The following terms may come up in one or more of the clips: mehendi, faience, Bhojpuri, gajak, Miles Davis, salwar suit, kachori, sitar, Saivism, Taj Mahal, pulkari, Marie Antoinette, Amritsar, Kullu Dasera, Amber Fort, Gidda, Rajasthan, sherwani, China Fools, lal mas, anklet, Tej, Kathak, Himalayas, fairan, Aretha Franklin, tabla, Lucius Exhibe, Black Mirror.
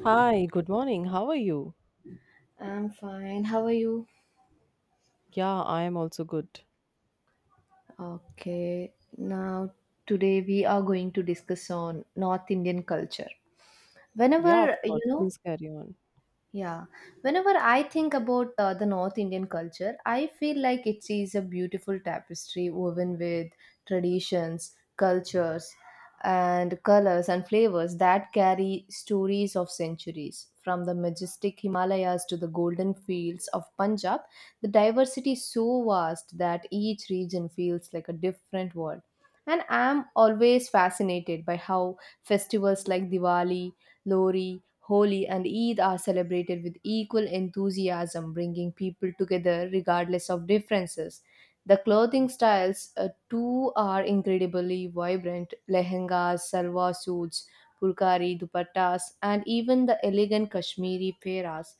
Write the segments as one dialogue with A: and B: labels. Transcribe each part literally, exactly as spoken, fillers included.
A: Hi, good morning. How are you?
B: I'm fine. How are you?
A: Yeah, I am also good.
B: Okay. Now today we are going to discuss on North Indian culture.
A: Yeah, of
B: Whenever you
A: course.
B: know
A: Please carry on.
B: Yeah, Whenever I think about uh, the North Indian culture, I feel like it is a beautiful tapestry woven with traditions, cultures, and colors and flavors that carry stories of centuries. From the majestic Himalayas to the golden fields of Punjab, the diversity is so vast that each region feels like a different world. And I'm always fascinated by how festivals like Diwali, Lori, Holi, and Eid are celebrated with equal enthusiasm, bringing people together regardless of differences. The clothing styles, uh, too, are incredibly vibrant lehengas, salwar suits, pulkari, dupattas, and even the elegant Kashmiri peras.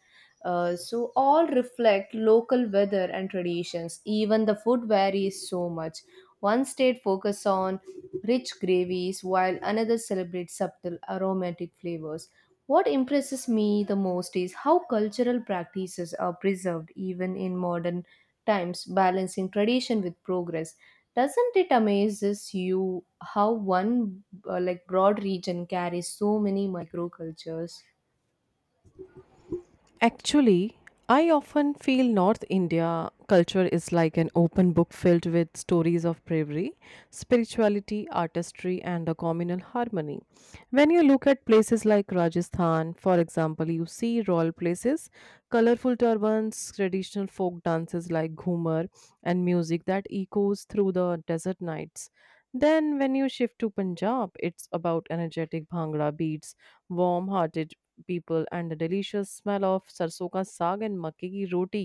B: Uh, so, all reflect local weather and traditions. Even the food varies so much. One state focuses on rich gravies, while another celebrates subtle aromatic flavors. What impresses me the most is how cultural practices are preserved even in modern times, balancing tradition with progress. Doesn't it amazes you how one uh, like broad region carries so many microcultures?
A: Actually, I often feel North India culture is like an open book filled with stories of bravery, spirituality, artistry, and a communal harmony. When you look at places like Rajasthan, for example, you see royal places, colorful turbans, traditional folk dances like Ghumar, and music that echoes through the desert nights. Then, when you shift to Punjab, it's about energetic Bhangra beats, warm hearted people and the delicious smell of sarson ka saag and makke ki roti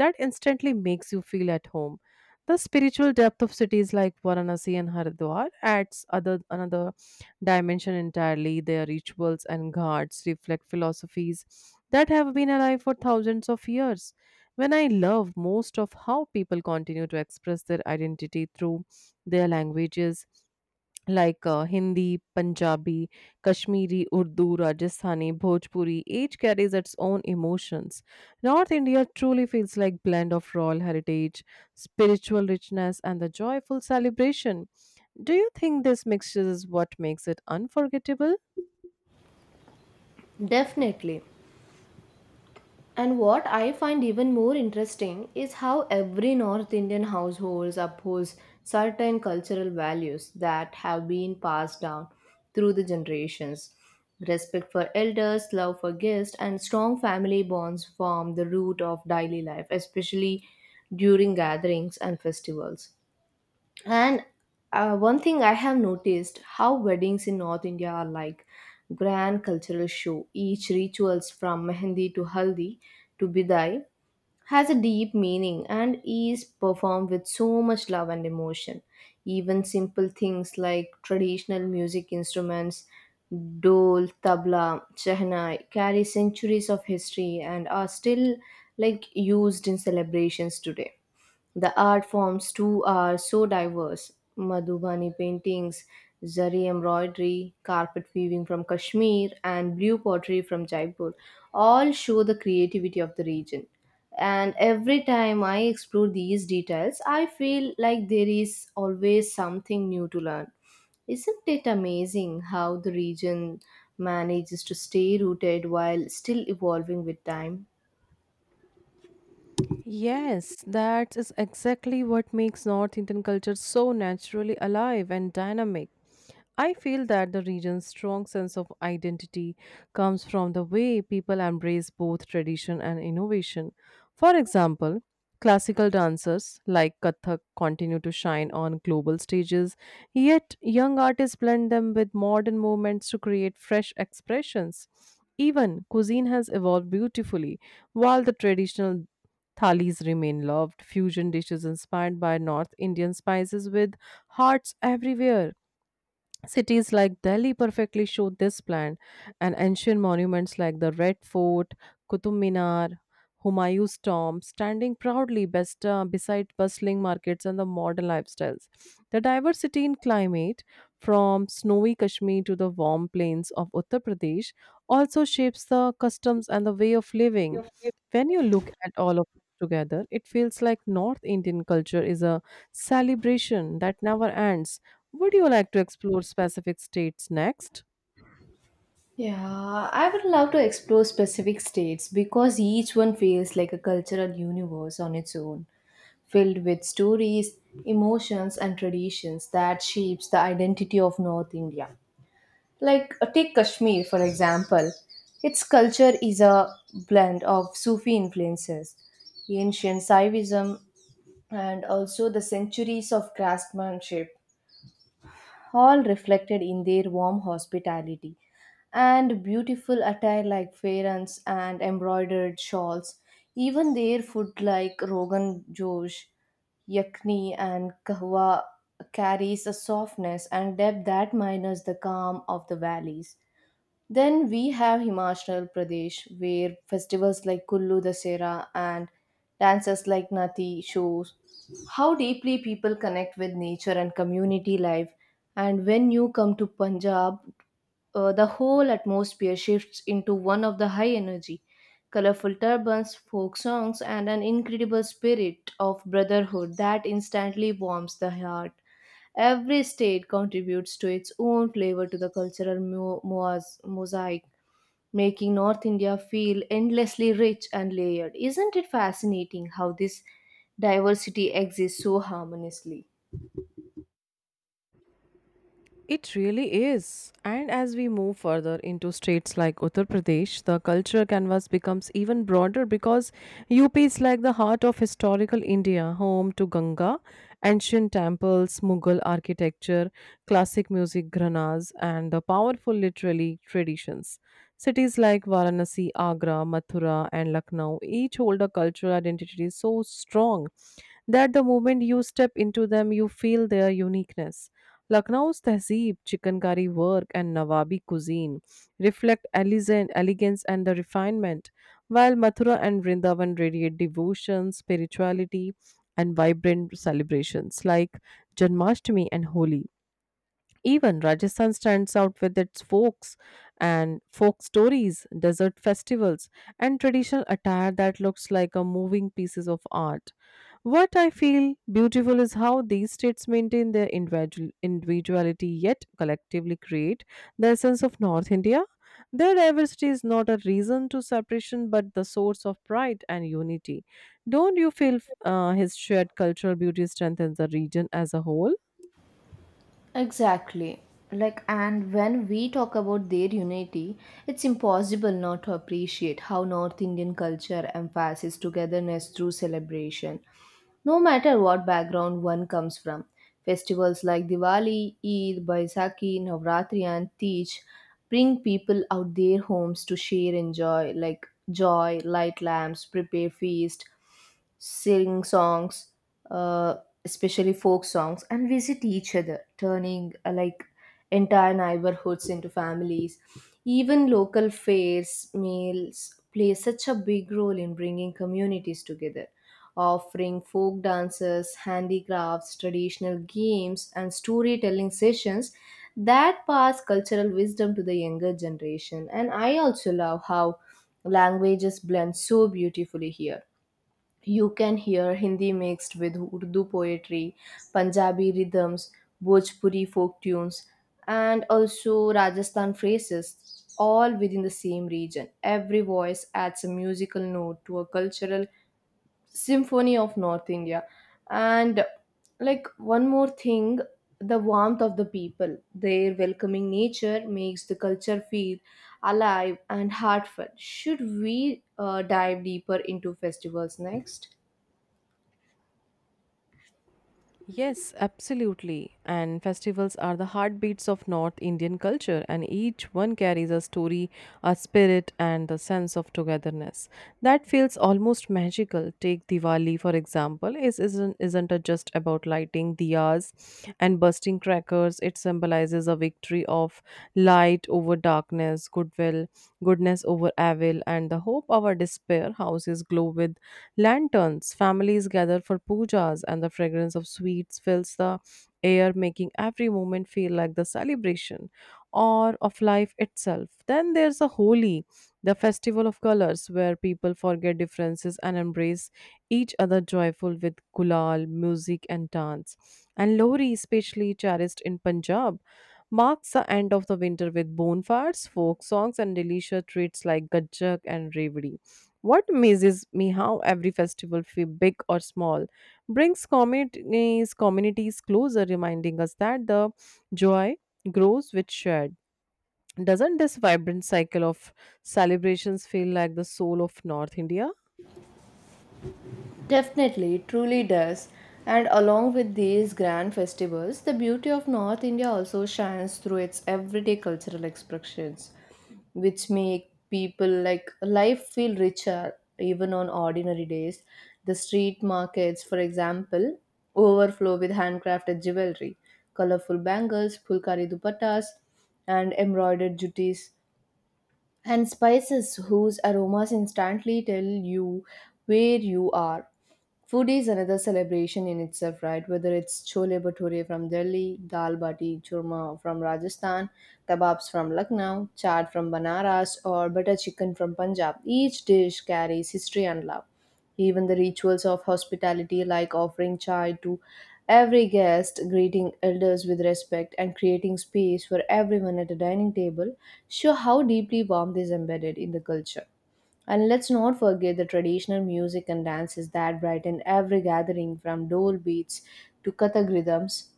A: that instantly makes you feel at home. The spiritual depth of cities like Varanasi and Haridwar adds other another dimension entirely. Their rituals and ghats reflect philosophies that have been alive for thousands of years. When I love most of how people continue to express their identity through their languages, like uh, Hindi, Punjabi, Kashmiri, Urdu, Rajasthani, Bhojpuri, each carries its own emotions. North India truly feels like blend of royal heritage, spiritual richness, and the joyful celebration do you think this mixture is what makes it unforgettable?
B: Definitely. And what I find even more interesting is how every North Indian household upholds certain cultural values that have been passed down through the generations. Respect for elders, love for guests, and strong family bonds form the root of daily life, especially during gatherings and festivals. And uh, One thing I have noticed how weddings in North India are like grand cultural show. Each rituals from mehendi to haldi to bidai has a deep meaning and is performed with so much love and emotion. Even simple things like traditional music instruments, dole, tabla, shehnai carry centuries of history and are still like used in celebrations today. The art forms too are so diverse. Madhubani paintings, zari embroidery, carpet weaving from Kashmir, and blue pottery from Jaipur all show the creativity of the region. And every time I explore these details, I feel like there is always something new to learn. Isn't it amazing how the region manages to stay rooted while still evolving with time?
A: Yes, that is exactly what makes North Indian culture so naturally alive and dynamic. I feel that the region's strong sense of identity comes from the way people embrace both tradition and innovation. For example, classical dancers like Kathak continue to shine on global stages, yet young artists blend them with modern movements to create fresh expressions. Even cuisine has evolved beautifully, while the traditional Thalis remain loved, fusion dishes inspired by North Indian spices with hearts everywhere. Cities like Delhi perfectly show this plan, and ancient monuments like the Red Fort, Qutub Minar, Humayun's tomb standing proudly best, uh, beside bustling markets and the modern lifestyles. The diversity in climate, from snowy Kashmir to the warm plains of Uttar Pradesh, also shapes the customs and the way of living. When you look at all of together, it feels like North Indian culture is a celebration that never ends. Would you like to explore specific states next?
B: Yeah, I would love to explore specific states because each one feels like a cultural universe on its own, filled with stories, emotions, and traditions that shapes the identity of North India. Like uh, take Kashmir for example. Its culture is a blend of Sufi influences, ancient Saivism, and also the centuries of craftsmanship all reflected in their warm hospitality and beautiful attire like faience and embroidered shawls. Even their food like Rogan Josh, yakni, and kahwa carries a softness and depth that minus the calm of the valleys. Then we have Himachal Pradesh, where festivals like Kullu Dasera and dances like Nati shows how deeply people connect with nature and community life. And when you come to Punjab, uh, the whole atmosphere shifts into one of the high energy, colorful turbans, folk songs, and an incredible spirit of brotherhood that instantly warms the heart. Every state contributes to its own flavor to the cultural mo- moas- mosaic, making North India feel endlessly rich and layered. Isn't it fascinating how this diversity exists so harmoniously?
A: It really is. And as we move further into states like Uttar Pradesh, the cultural canvas becomes even broader because U P is like the heart of historical India, home to Ganga, ancient temples, Mughal architecture, classic music gharanas, and the powerful literary traditions. Cities like Varanasi, Agra, Mathura, and Lucknow each hold a cultural identity so strong that the moment you step into them, you feel their uniqueness. Lucknow's tehzeeb, chicken curry work, and Nawabi cuisine reflect elizen- elegance and the refinement, while Mathura and Vrindavan radiate devotion, spirituality, and vibrant celebrations like Janmashtami and Holi. Even Rajasthan stands out with its folks and folk stories, desert festivals, and traditional attire that looks like a moving pieces of art. What I feel beautiful is how these states maintain their individual individuality yet collectively create the essence of North India. Their diversity is not a reason to separation but the source of pride and unity. Don't you feel uh, his shared cultural beauty strengthens the region as a whole?
B: Exactly. Like, and when we talk about their unity, it's impossible not to appreciate how North Indian culture emphasizes togetherness through celebration. No matter what background one comes from, festivals like Diwali, Eid, Baisakhi, Navratri, and Tej bring people out their homes to share and joy like joy light lamps prepare feast sing songs uh, especially folk songs and visit each other turning uh, like entire neighborhoods into families even local fairs meals play such a big role in bringing communities together offering folk dances, handicrafts, traditional games, and storytelling sessions that pass cultural wisdom to the younger generation. And I also love how languages blend so beautifully here. You can hear Hindi mixed with Urdu poetry, Punjabi rhythms, Bhojpuri folk tunes, and also Rajasthan phrases, all within the same region. Every voice adds a musical note to a cultural symphony of North India. And like one more thing, the warmth of the people, their welcoming nature makes the culture feel alive and heartfelt. Should we uh, dive deeper into festivals next?
A: Yes, absolutely. And festivals are the heartbeats of North Indian culture, and each one carries a story, a spirit, and a sense of togetherness that feels almost magical. Take Diwali, for example, is isn't isn't it just about lighting diyas and bursting crackers? It symbolizes a victory of light over darkness, goodwill, goodness over evil, and the hope of our despair. Houses glow with lanterns, families gather for pujas, and the fragrance of sweets fills the air, making every moment feel like the celebration or of life itself. Then there's a Holi, the festival of colors, where people forget differences and embrace each other joyful with gulal, music, and dance. And Lohri, especially cherished in Punjab, marks the end of the winter with bonfires, folk songs, and delicious treats like gajak and revdi. What amazes me how every festival, fe- big or small, brings communities, communities closer, reminding us that the joy grows with shared. Doesn't this vibrant cycle of celebrations feel like the soul of North India?
B: Definitely, it truly does. And along with these grand festivals, the beauty of North India also shines through its everyday cultural expressions, which make people like life feel richer even on ordinary days. The street markets, for example, overflow with handcrafted jewelry, colorful bangles, pulkari dupattas, and embroidered juttis and spices whose aromas instantly tell you where you are. Food is another celebration in itself, right? Whether it's chole bhature from Delhi, dal bati churma from Rajasthan, kebabs from Lucknow, chaat from Banaras, or butter chicken from Punjab, each dish carries history and love. Even the rituals of hospitality, like offering chai to every guest, greeting elders with respect, and creating space for everyone at a dining table, show how deeply warmth is embedded in the culture. And let's not forget the traditional music and dances that brighten every gathering from dole beats to kathak rhythms,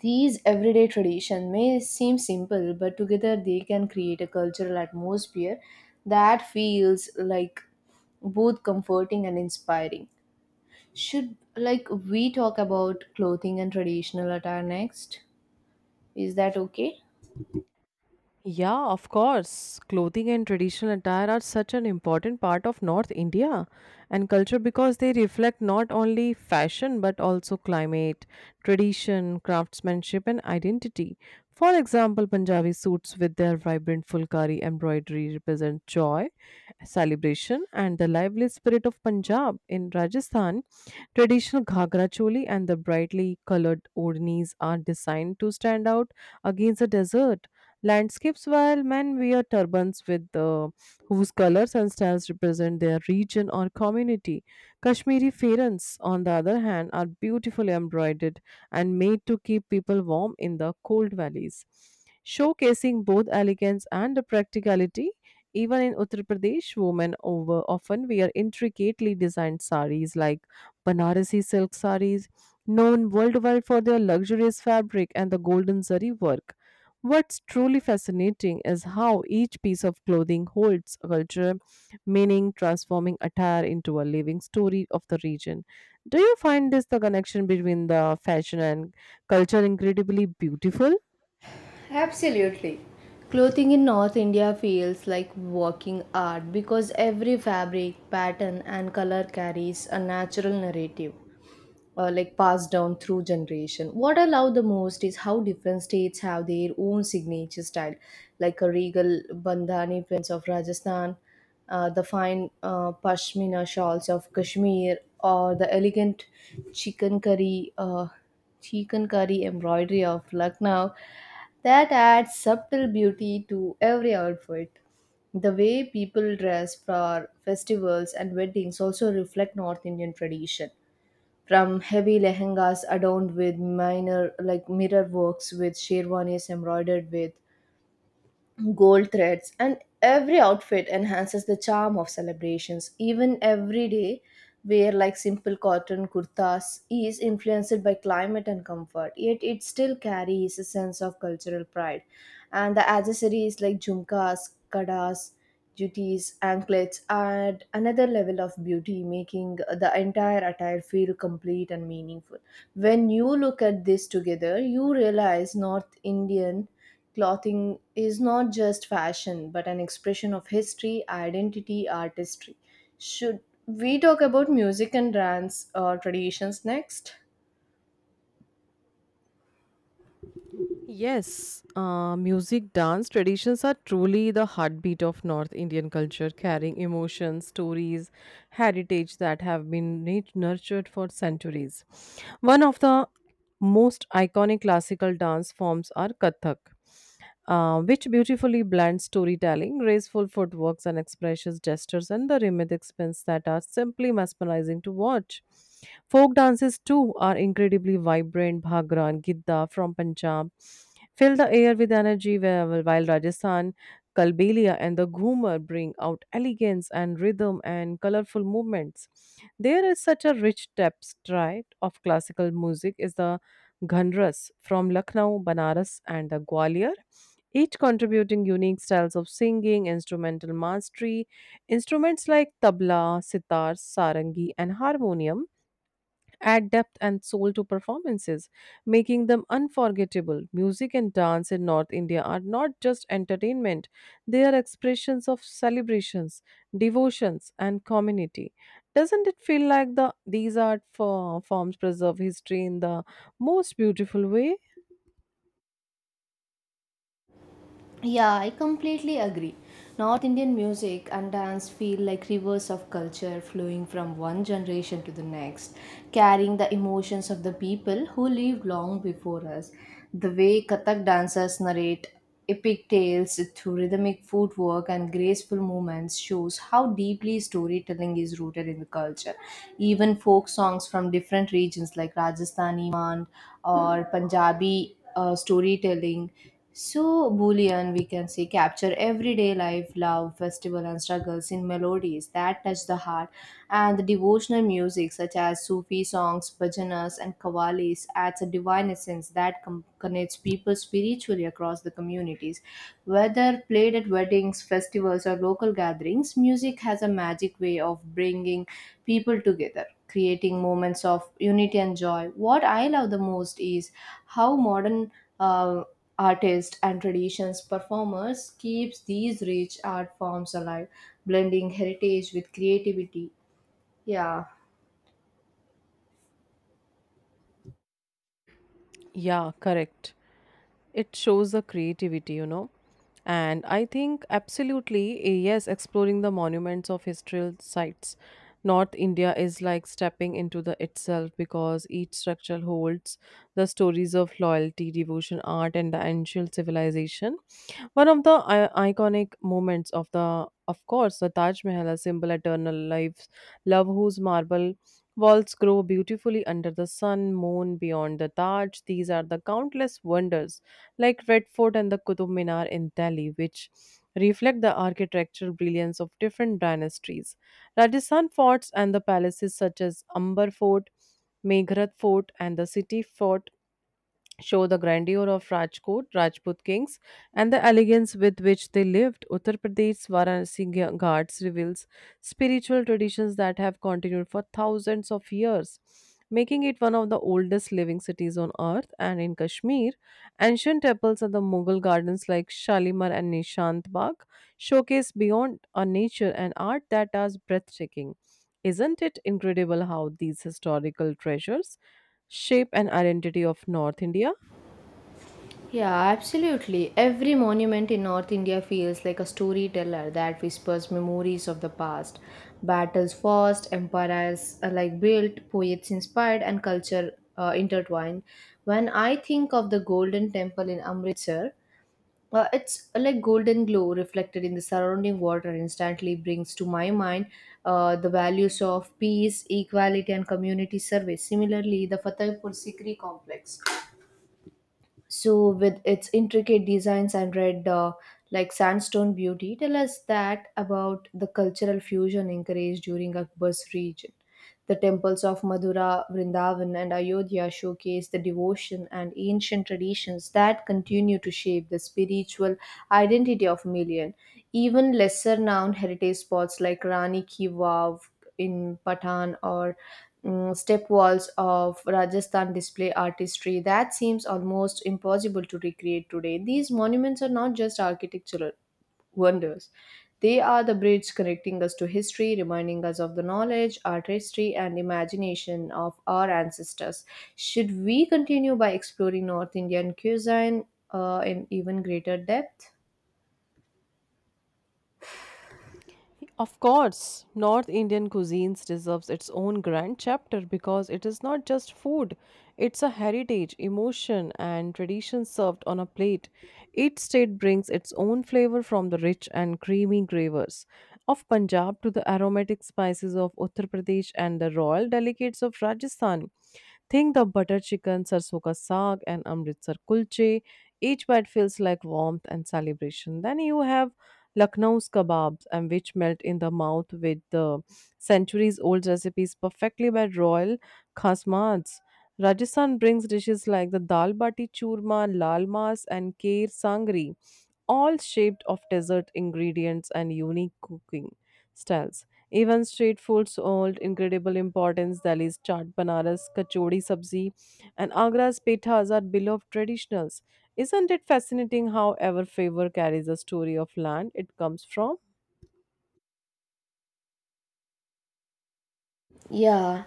B: these everyday traditions may seem simple, but together they can create a cultural atmosphere that feels like both comforting and inspiring. Should like we talk about clothing and traditional attire next? Is that okay?
A: Yeah, of course. Clothing and traditional attire are such an important part of North India and culture because they reflect not only fashion but also climate, tradition, craftsmanship, and identity. For example, Punjabi suits with their vibrant fulkari embroidery represent joy, celebration, and the lively spirit of Punjab. In Rajasthan, traditional ghagra choli and the brightly colored odhnis are designed to stand out against the desert landscapes, while men wear turbans with uh, whose colors and styles represent their region or community. Kashmiri fairans, on the other hand, are beautifully embroidered and made to keep people warm in the cold valleys, showcasing both elegance and the practicality. Even in Uttar Pradesh, women over often wear intricately designed saris like Banarasi silk sarees, known worldwide for their luxurious fabric and the golden zari work. What's truly fascinating is how each piece of clothing holds a culture, meaning transforming attire into a living story of the region. Do you find this the connection between the fashion and culture incredibly beautiful?
B: Absolutely. Clothing in North India feels like walking art because every fabric, pattern, and color carries a natural narrative, uh, like passed down through generation. What I love the most is how different states have their own signature style, like a regal bandhani prints of Rajasthan, uh, the fine uh, pashmina shawls of Kashmir, or the elegant chicken curry uh, chicken curry embroidery of Lucknow that adds subtle beauty to every outfit. The way people dress for festivals and weddings also reflect North Indian tradition, from heavy lehengas adorned with minor like mirror works with sherwanis embroidered with gold threads, and every outfit enhances the charm of celebrations. Even everyday wear like simple cotton kurtas is influenced by climate and comfort, yet it still carries a sense of cultural pride. And the accessories like jhumkas, kadas, jutis, anklets add another level of beauty, making the entire attire feel complete and meaningful. When you look at this together, you realize North Indian clothing is not just fashion, but an expression of history, identity, artistry. Should we talk about music and dance uh, traditions next?
A: Yes, uh, music, dance traditions are truly the heartbeat of North Indian culture, carrying emotions, stories, heritage that have been nat- nurtured for centuries. One of the most iconic classical dance forms are Kathak, uh, which beautifully blends storytelling, graceful footworks, and expressive gestures and the rhythmic spins that are simply mesmerizing to watch. Folk dances, too, are incredibly vibrant. Bhangra and Gidda from Punjab fill the air with energy, while while Rajasthan, Kalbelia, and the Ghumar bring out elegance and rhythm and colorful movements. There is such a rich tapestry of classical music is the Ghanras from Lucknow, Banaras, and the Gwalior each contributing unique styles of singing, instrumental mastery. Instruments like tabla, sitar, sarangi, and harmonium add depth and soul to performances, making them unforgettable. Music and dance in North India are not just entertainment, they are expressions of celebrations, devotions, and community. Doesn't it feel like the these art fo- forms preserve history in the most beautiful way?
B: Yeah, I completely agree. North Indian music and dance feel like rivers of culture flowing from one generation to the next, carrying the emotions of the people who lived long before us. The way Kathak dancers narrate epic tales through rhythmic footwork and graceful movements shows how deeply storytelling is rooted in the culture. Even folk songs from different regions like Rajasthani, Mand, or Punjabi uh, storytelling. So, Boolean, we can say, capture everyday life, love, festival, and struggles in melodies that touch the heart. And the devotional music, such as Sufi songs, bhajanas, and qawwalis, adds a divine essence that com- connects people spiritually across the communities. Whether played at weddings, festivals, or local gatherings, music has a magic way of bringing people together creating moments of unity and joy. What I love the most is how modern uh, artists and traditions performers keeps these rich art forms alive, blending heritage with creativity. Yeah.
A: Yeah, correct. It shows the creativity, you know. And I think absolutely, eh, yes, exploring the monuments of historical sites. North India is like stepping into the itself because each structure holds the stories of loyalty, devotion, art, and the ancient civilization. One of the I- iconic moments of the, of course, the Taj Mahal, a symbol eternal life, love whose marble walls grow beautifully under the sun, moon beyond the Taj. These are the countless wonders, like Red Fort and the Qutub Minar in Delhi, which reflect the architectural brilliance of different dynasties. Rajasthan forts and the palaces such as Amber Fort, Meghrad Fort, and the city fort show the grandeur of Rajkot, Rajput kings, and the elegance with which they lived. Uttar Pradesh's Varanasi Gha- Ghats reveals spiritual traditions that have continued for thousands of years, making it one of the oldest living cities on earth. And in Kashmir, ancient temples and the Mughal gardens like Shalimar and Nishant Bagh showcase beyond our nature and art that are breathtaking. Isn't it incredible how these historical treasures shape an identity of North India?
B: Yeah, absolutely. Every monument in North India feels like a storyteller that whispers memories of the past. Battles fought, empires uh, like built, poets inspired, and culture uh, intertwined. When I think of the Golden Temple in Amritsar, uh, it's uh, like golden glow reflected in the surrounding water instantly brings to my mind uh, the values of peace, equality, and community service. Similarly, the Fatehpur Sikri complex so with its intricate designs and red uh, like sandstone beauty tell us that about the cultural fusion encouraged during Akbar's region. The temples of Madura, Vrindavan, and Ayodhya showcase the devotion and ancient traditions that continue to shape the spiritual identity of million. Even lesser known heritage spots like Rani ki Vav in Patan or mm, step walls of Rajasthan display artistry that seems almost impossible to recreate today. These monuments are not just architectural wonders, they are the bridge connecting us to history, reminding us of the knowledge, artistry, and imagination of our ancestors. Should we continue by exploring North Indian cuisine uh, in even greater depth?
A: Of course, North Indian cuisines deserves its own grand chapter because it is not just food, it's a heritage, emotion, and tradition served on a plate. Each state brings its own flavor from the rich and creamy gravers of Punjab to the aromatic spices of Uttar Pradesh and the royal delicates of Rajasthan. Think the butter chicken, sarson ka saag, and Amritsar kulche. Each bite feels like warmth and celebration. Then you have Lucknow's kebabs, and which melt in the mouth with the centuries-old recipes perfectly by royal khasmads. Rajasthan brings dishes like the dal bati churma, lal mas, and kheer sangri, all shaped of desert ingredients and unique cooking styles. Even street foods hold incredible importance. Delhi's chaat banaras, kachori sabzi, and Agra's pithas are beloved traditionals. Isn't it fascinating how ever favor carries a story of land it comes from?
B: Yeah,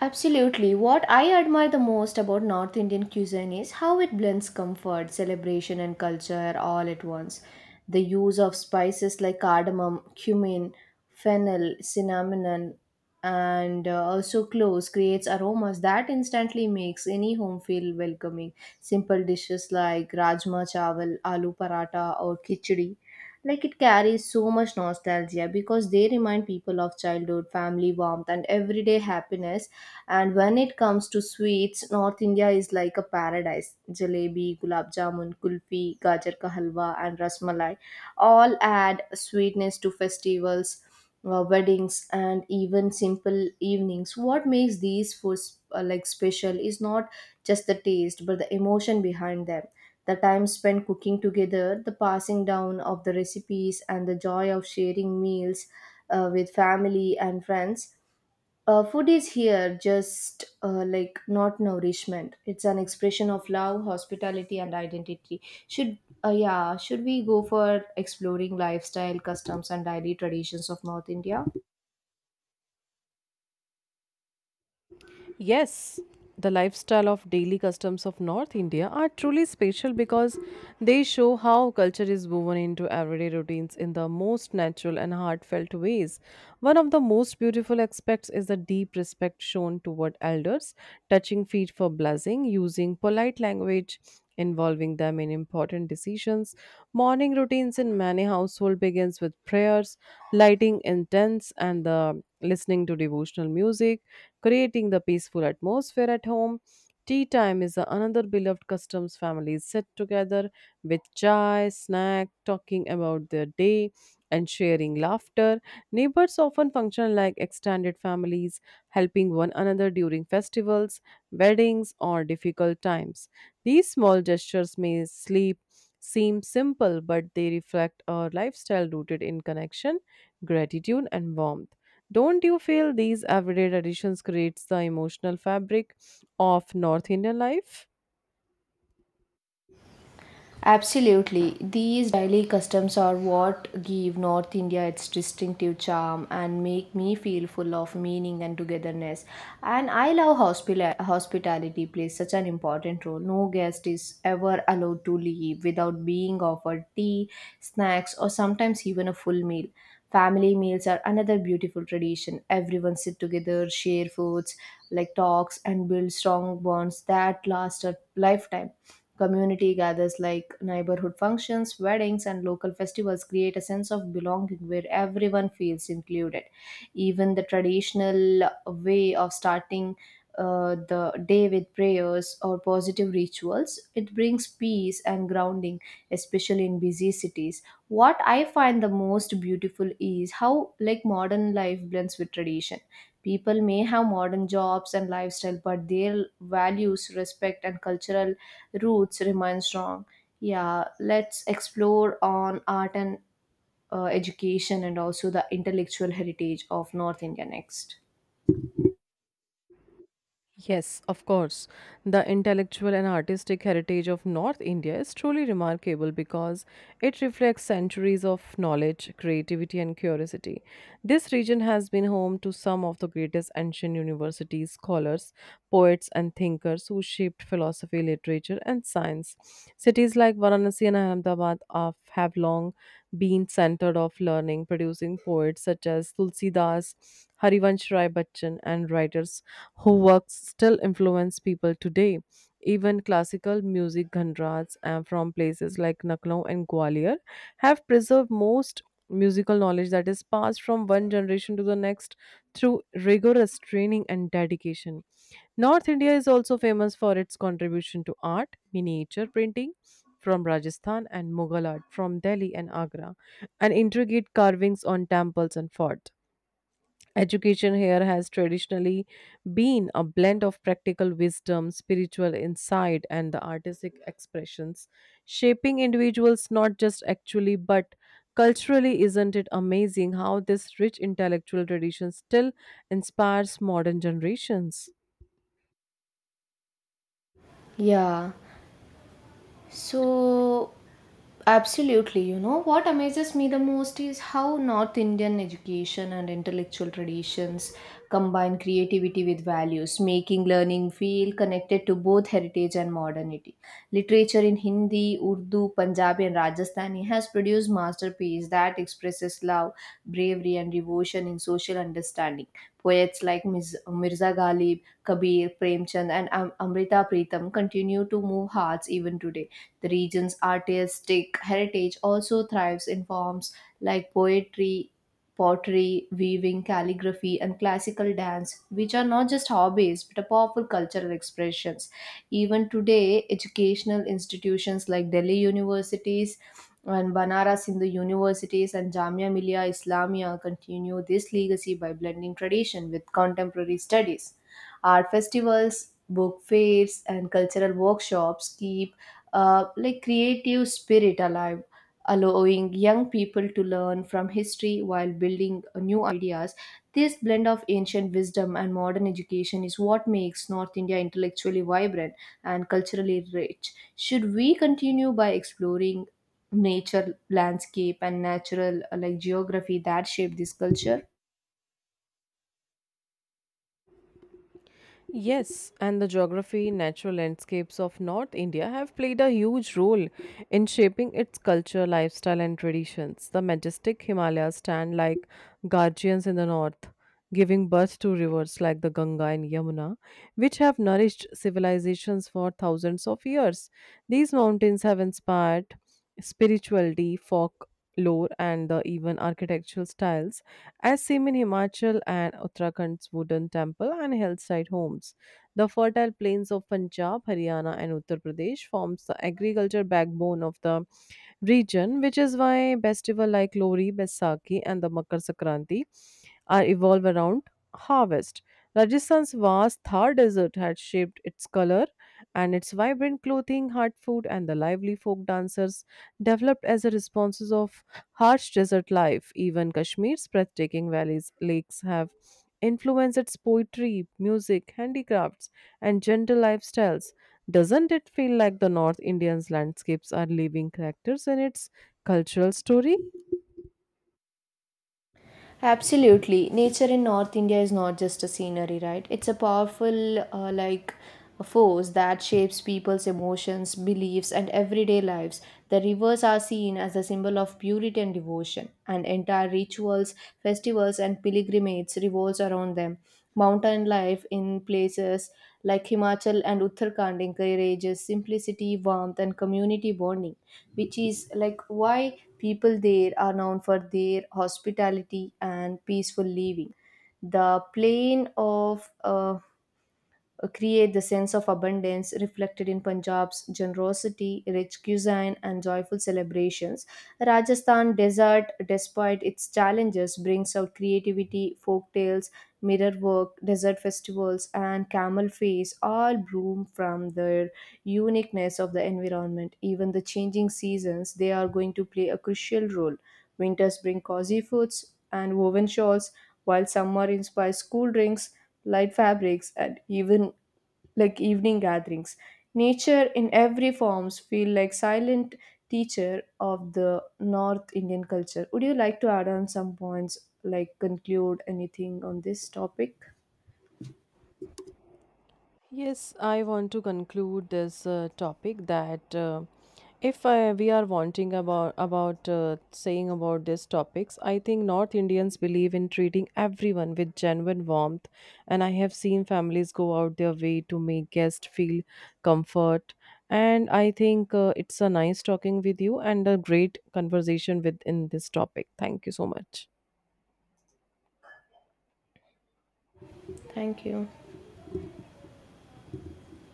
B: absolutely. What I admire the most about North Indian cuisine is how it blends comfort, celebration, and culture all at once. The use of spices like cardamom, cumin, fennel, cinnamon, and uh, also cloves creates aromas that instantly makes any home feel welcoming. Simple dishes like rajma chawal, aloo paratha, or khichdi like it carries so much nostalgia because they remind people of childhood, family warmth, and everyday happiness. And when it comes to sweets, North India is like a paradise. Jalebi, gulab jamun, kulfi, gajar ka halwa, and rasmalai all add sweetness to festivals, uh, weddings, and even simple evenings. What makes these foods uh, like special is not just the taste, but the emotion behind them. The time spent cooking together, the passing down of the recipes, and the joy of sharing meals uh, with family and friends uh, Food is here just uh, like not nourishment. It's an expression of love, hospitality, and identity. Should uh, yeah, should we go for exploring lifestyle, customs, and daily traditions of North India?
A: Yes, the lifestyle of daily customs of North India are truly special because they show how culture is woven into everyday routines in the most natural and heartfelt ways. One of the most beautiful aspects is the deep respect shown toward elders, touching feet for blessing, using polite language, involving them in important decisions. Morning routines in many households begins with prayers, lighting incense and the listening to devotional music creating the peaceful atmosphere at home. Tea time is another beloved custom. Families sit together with chai, snack, talking about their day and sharing laughter. Neighbors often function like extended families, helping one another during festivals, weddings, or difficult times. These small gestures may sleep seem simple, but they reflect our lifestyle rooted in connection, gratitude, and warmth. Don't you feel these everyday traditions creates the emotional fabric of North Indian life?
B: Absolutely. These daily customs are what give North India its distinctive charm and make me feel full of meaning and togetherness. And I love hospila- hospitality plays such an important role. No guest is ever allowed to leave without being offered tea, snacks, or sometimes even a full meal. Family meals are another beautiful tradition. Everyone sit together, share foods, like talks, and build strong bonds that last a lifetime. Community gathers like neighborhood functions, weddings, and local festivals create a sense of belonging where everyone feels included. Even the traditional way of starting uh, the day with prayers or positive rituals, it brings peace and grounding, especially in busy cities. What I find the most beautiful is how like modern life blends with tradition. People may have modern jobs and lifestyle, but their values, respect, and cultural roots remain strong. Yeah, let's explore on art and uh, education and also the intellectual heritage of North India next.
A: Yes, of course. The intellectual and artistic heritage of North India is truly remarkable because it reflects centuries of knowledge, creativity, and curiosity. This region has been home to some of the greatest ancient universities, scholars, poets, and thinkers who shaped philosophy, literature, and science. Cities like Varanasi and Ahmedabad are, have long been centered of learning, producing poets such as Tulsi Das, Harivansh Rai Bachchan, and writers who works still influence people today. Even classical music genres uh, from places like Lucknow and Gwalior have preserved most musical knowledge that is passed from one generation to the next through rigorous training and dedication. North India is also famous for its contribution to art, miniature printing from Rajasthan and Mughal art from Delhi and Agra, and intricate carvings on temples and forts. Education here has traditionally been a blend of practical wisdom, spiritual insight, and the artistic expressions, shaping individuals not just actually but culturally. Isn't it amazing how this rich intellectual tradition still inspires modern generations?
B: Yeah. So, absolutely, you know, what amazes me the most is how North Indian education and intellectual traditions combine creativity with values, making learning feel connected to both heritage and modernity. Literature in Hindi, Urdu, Punjabi, and Rajasthani has produced masterpieces that expresses love, bravery, and devotion in social understanding. Poets like Miz- Mirza Ghalib, Kabir, Premchand, and Am- Amrita Pritam continue to move hearts even today. The region's artistic heritage also thrives in forms like poetry, pottery, weaving, calligraphy, and classical dance, which are not just hobbies but are powerful cultural expressions. Even today, educational institutions like Delhi universities and Banaras Hindu universities and Jamia Millia Islamia continue this legacy by blending tradition with contemporary studies. Art festivals, book fairs, and cultural workshops keep uh, like creative spirit alive, allowing young people to learn from history while building uh, new ideas. This blend of ancient wisdom and modern education is what makes North India intellectually vibrant and culturally rich. Should we continue by exploring nature, landscape, and natural uh, like geography that shape this culture?
A: Yes, and the geography, natural landscapes of North India have played a huge role in shaping its culture, lifestyle, and traditions. The majestic Himalayas stand like guardians in the north, giving birth to rivers like the Ganga and Yamuna, which have nourished civilizations for thousands of years. These mountains have inspired spirituality, folk lore, and the even architectural styles as seen in Himachal and Uttarakhand's wooden temple and hillside homes, the fertile plains of Punjab, Haryana, and Uttar Pradesh forms the agriculture backbone of the region, which is why festival like Lori, Baisakhi, and the Makar Sankranti are evolve around harvest. Rajasthan's vast Thar desert had shaped its color, and its vibrant clothing, hard food, and the lively folk dancers developed as a response of harsh desert life. Even Kashmir's breathtaking valleys, lakes have influenced its poetry, music, handicrafts, and gentle lifestyles. Doesn't it feel like the North Indian's landscapes are living characters in its cultural story?
B: Absolutely. Nature in North India is not just a scenery, right? It's a powerful, uh, like, a force that shapes people's emotions, beliefs, and everyday lives. The rivers are seen as a symbol of purity and devotion, and entire rituals, festivals, and pilgrimages revolves around them. Mountain life in places like Himachal and Uttarakhand encourages simplicity, warmth, and community bonding, which is like why people there are known for their hospitality and peaceful living. The plain of uh, uh, create the sense of abundance reflected in Punjab's generosity, rich cuisine, and joyful celebrations. Rajasthan desert, despite its challenges, brings out creativity, folk tales, mirror work, desert festivals, and camel face all bloom from their uniqueness of the environment. Even the changing seasons, they are going to play a crucial role. Winters bring cozy foods and woven shawls, while summer inspires cool drinks, light fabrics, and even like evening gatherings. Nature in every forms feel like silent teacher of the North Indian culture. Would you like to add on some points, like conclude anything on this topic?
A: Yes, I want to conclude this uh, topic that uh, if uh, we are wanting about about uh, saying about these topics. I think North Indians believe in treating everyone with genuine warmth, and I have seen families go out their way to make guests feel comfort. And I think uh, it's a nice talking with you and a great conversation within this topic. Thank you so much.
B: Thank you.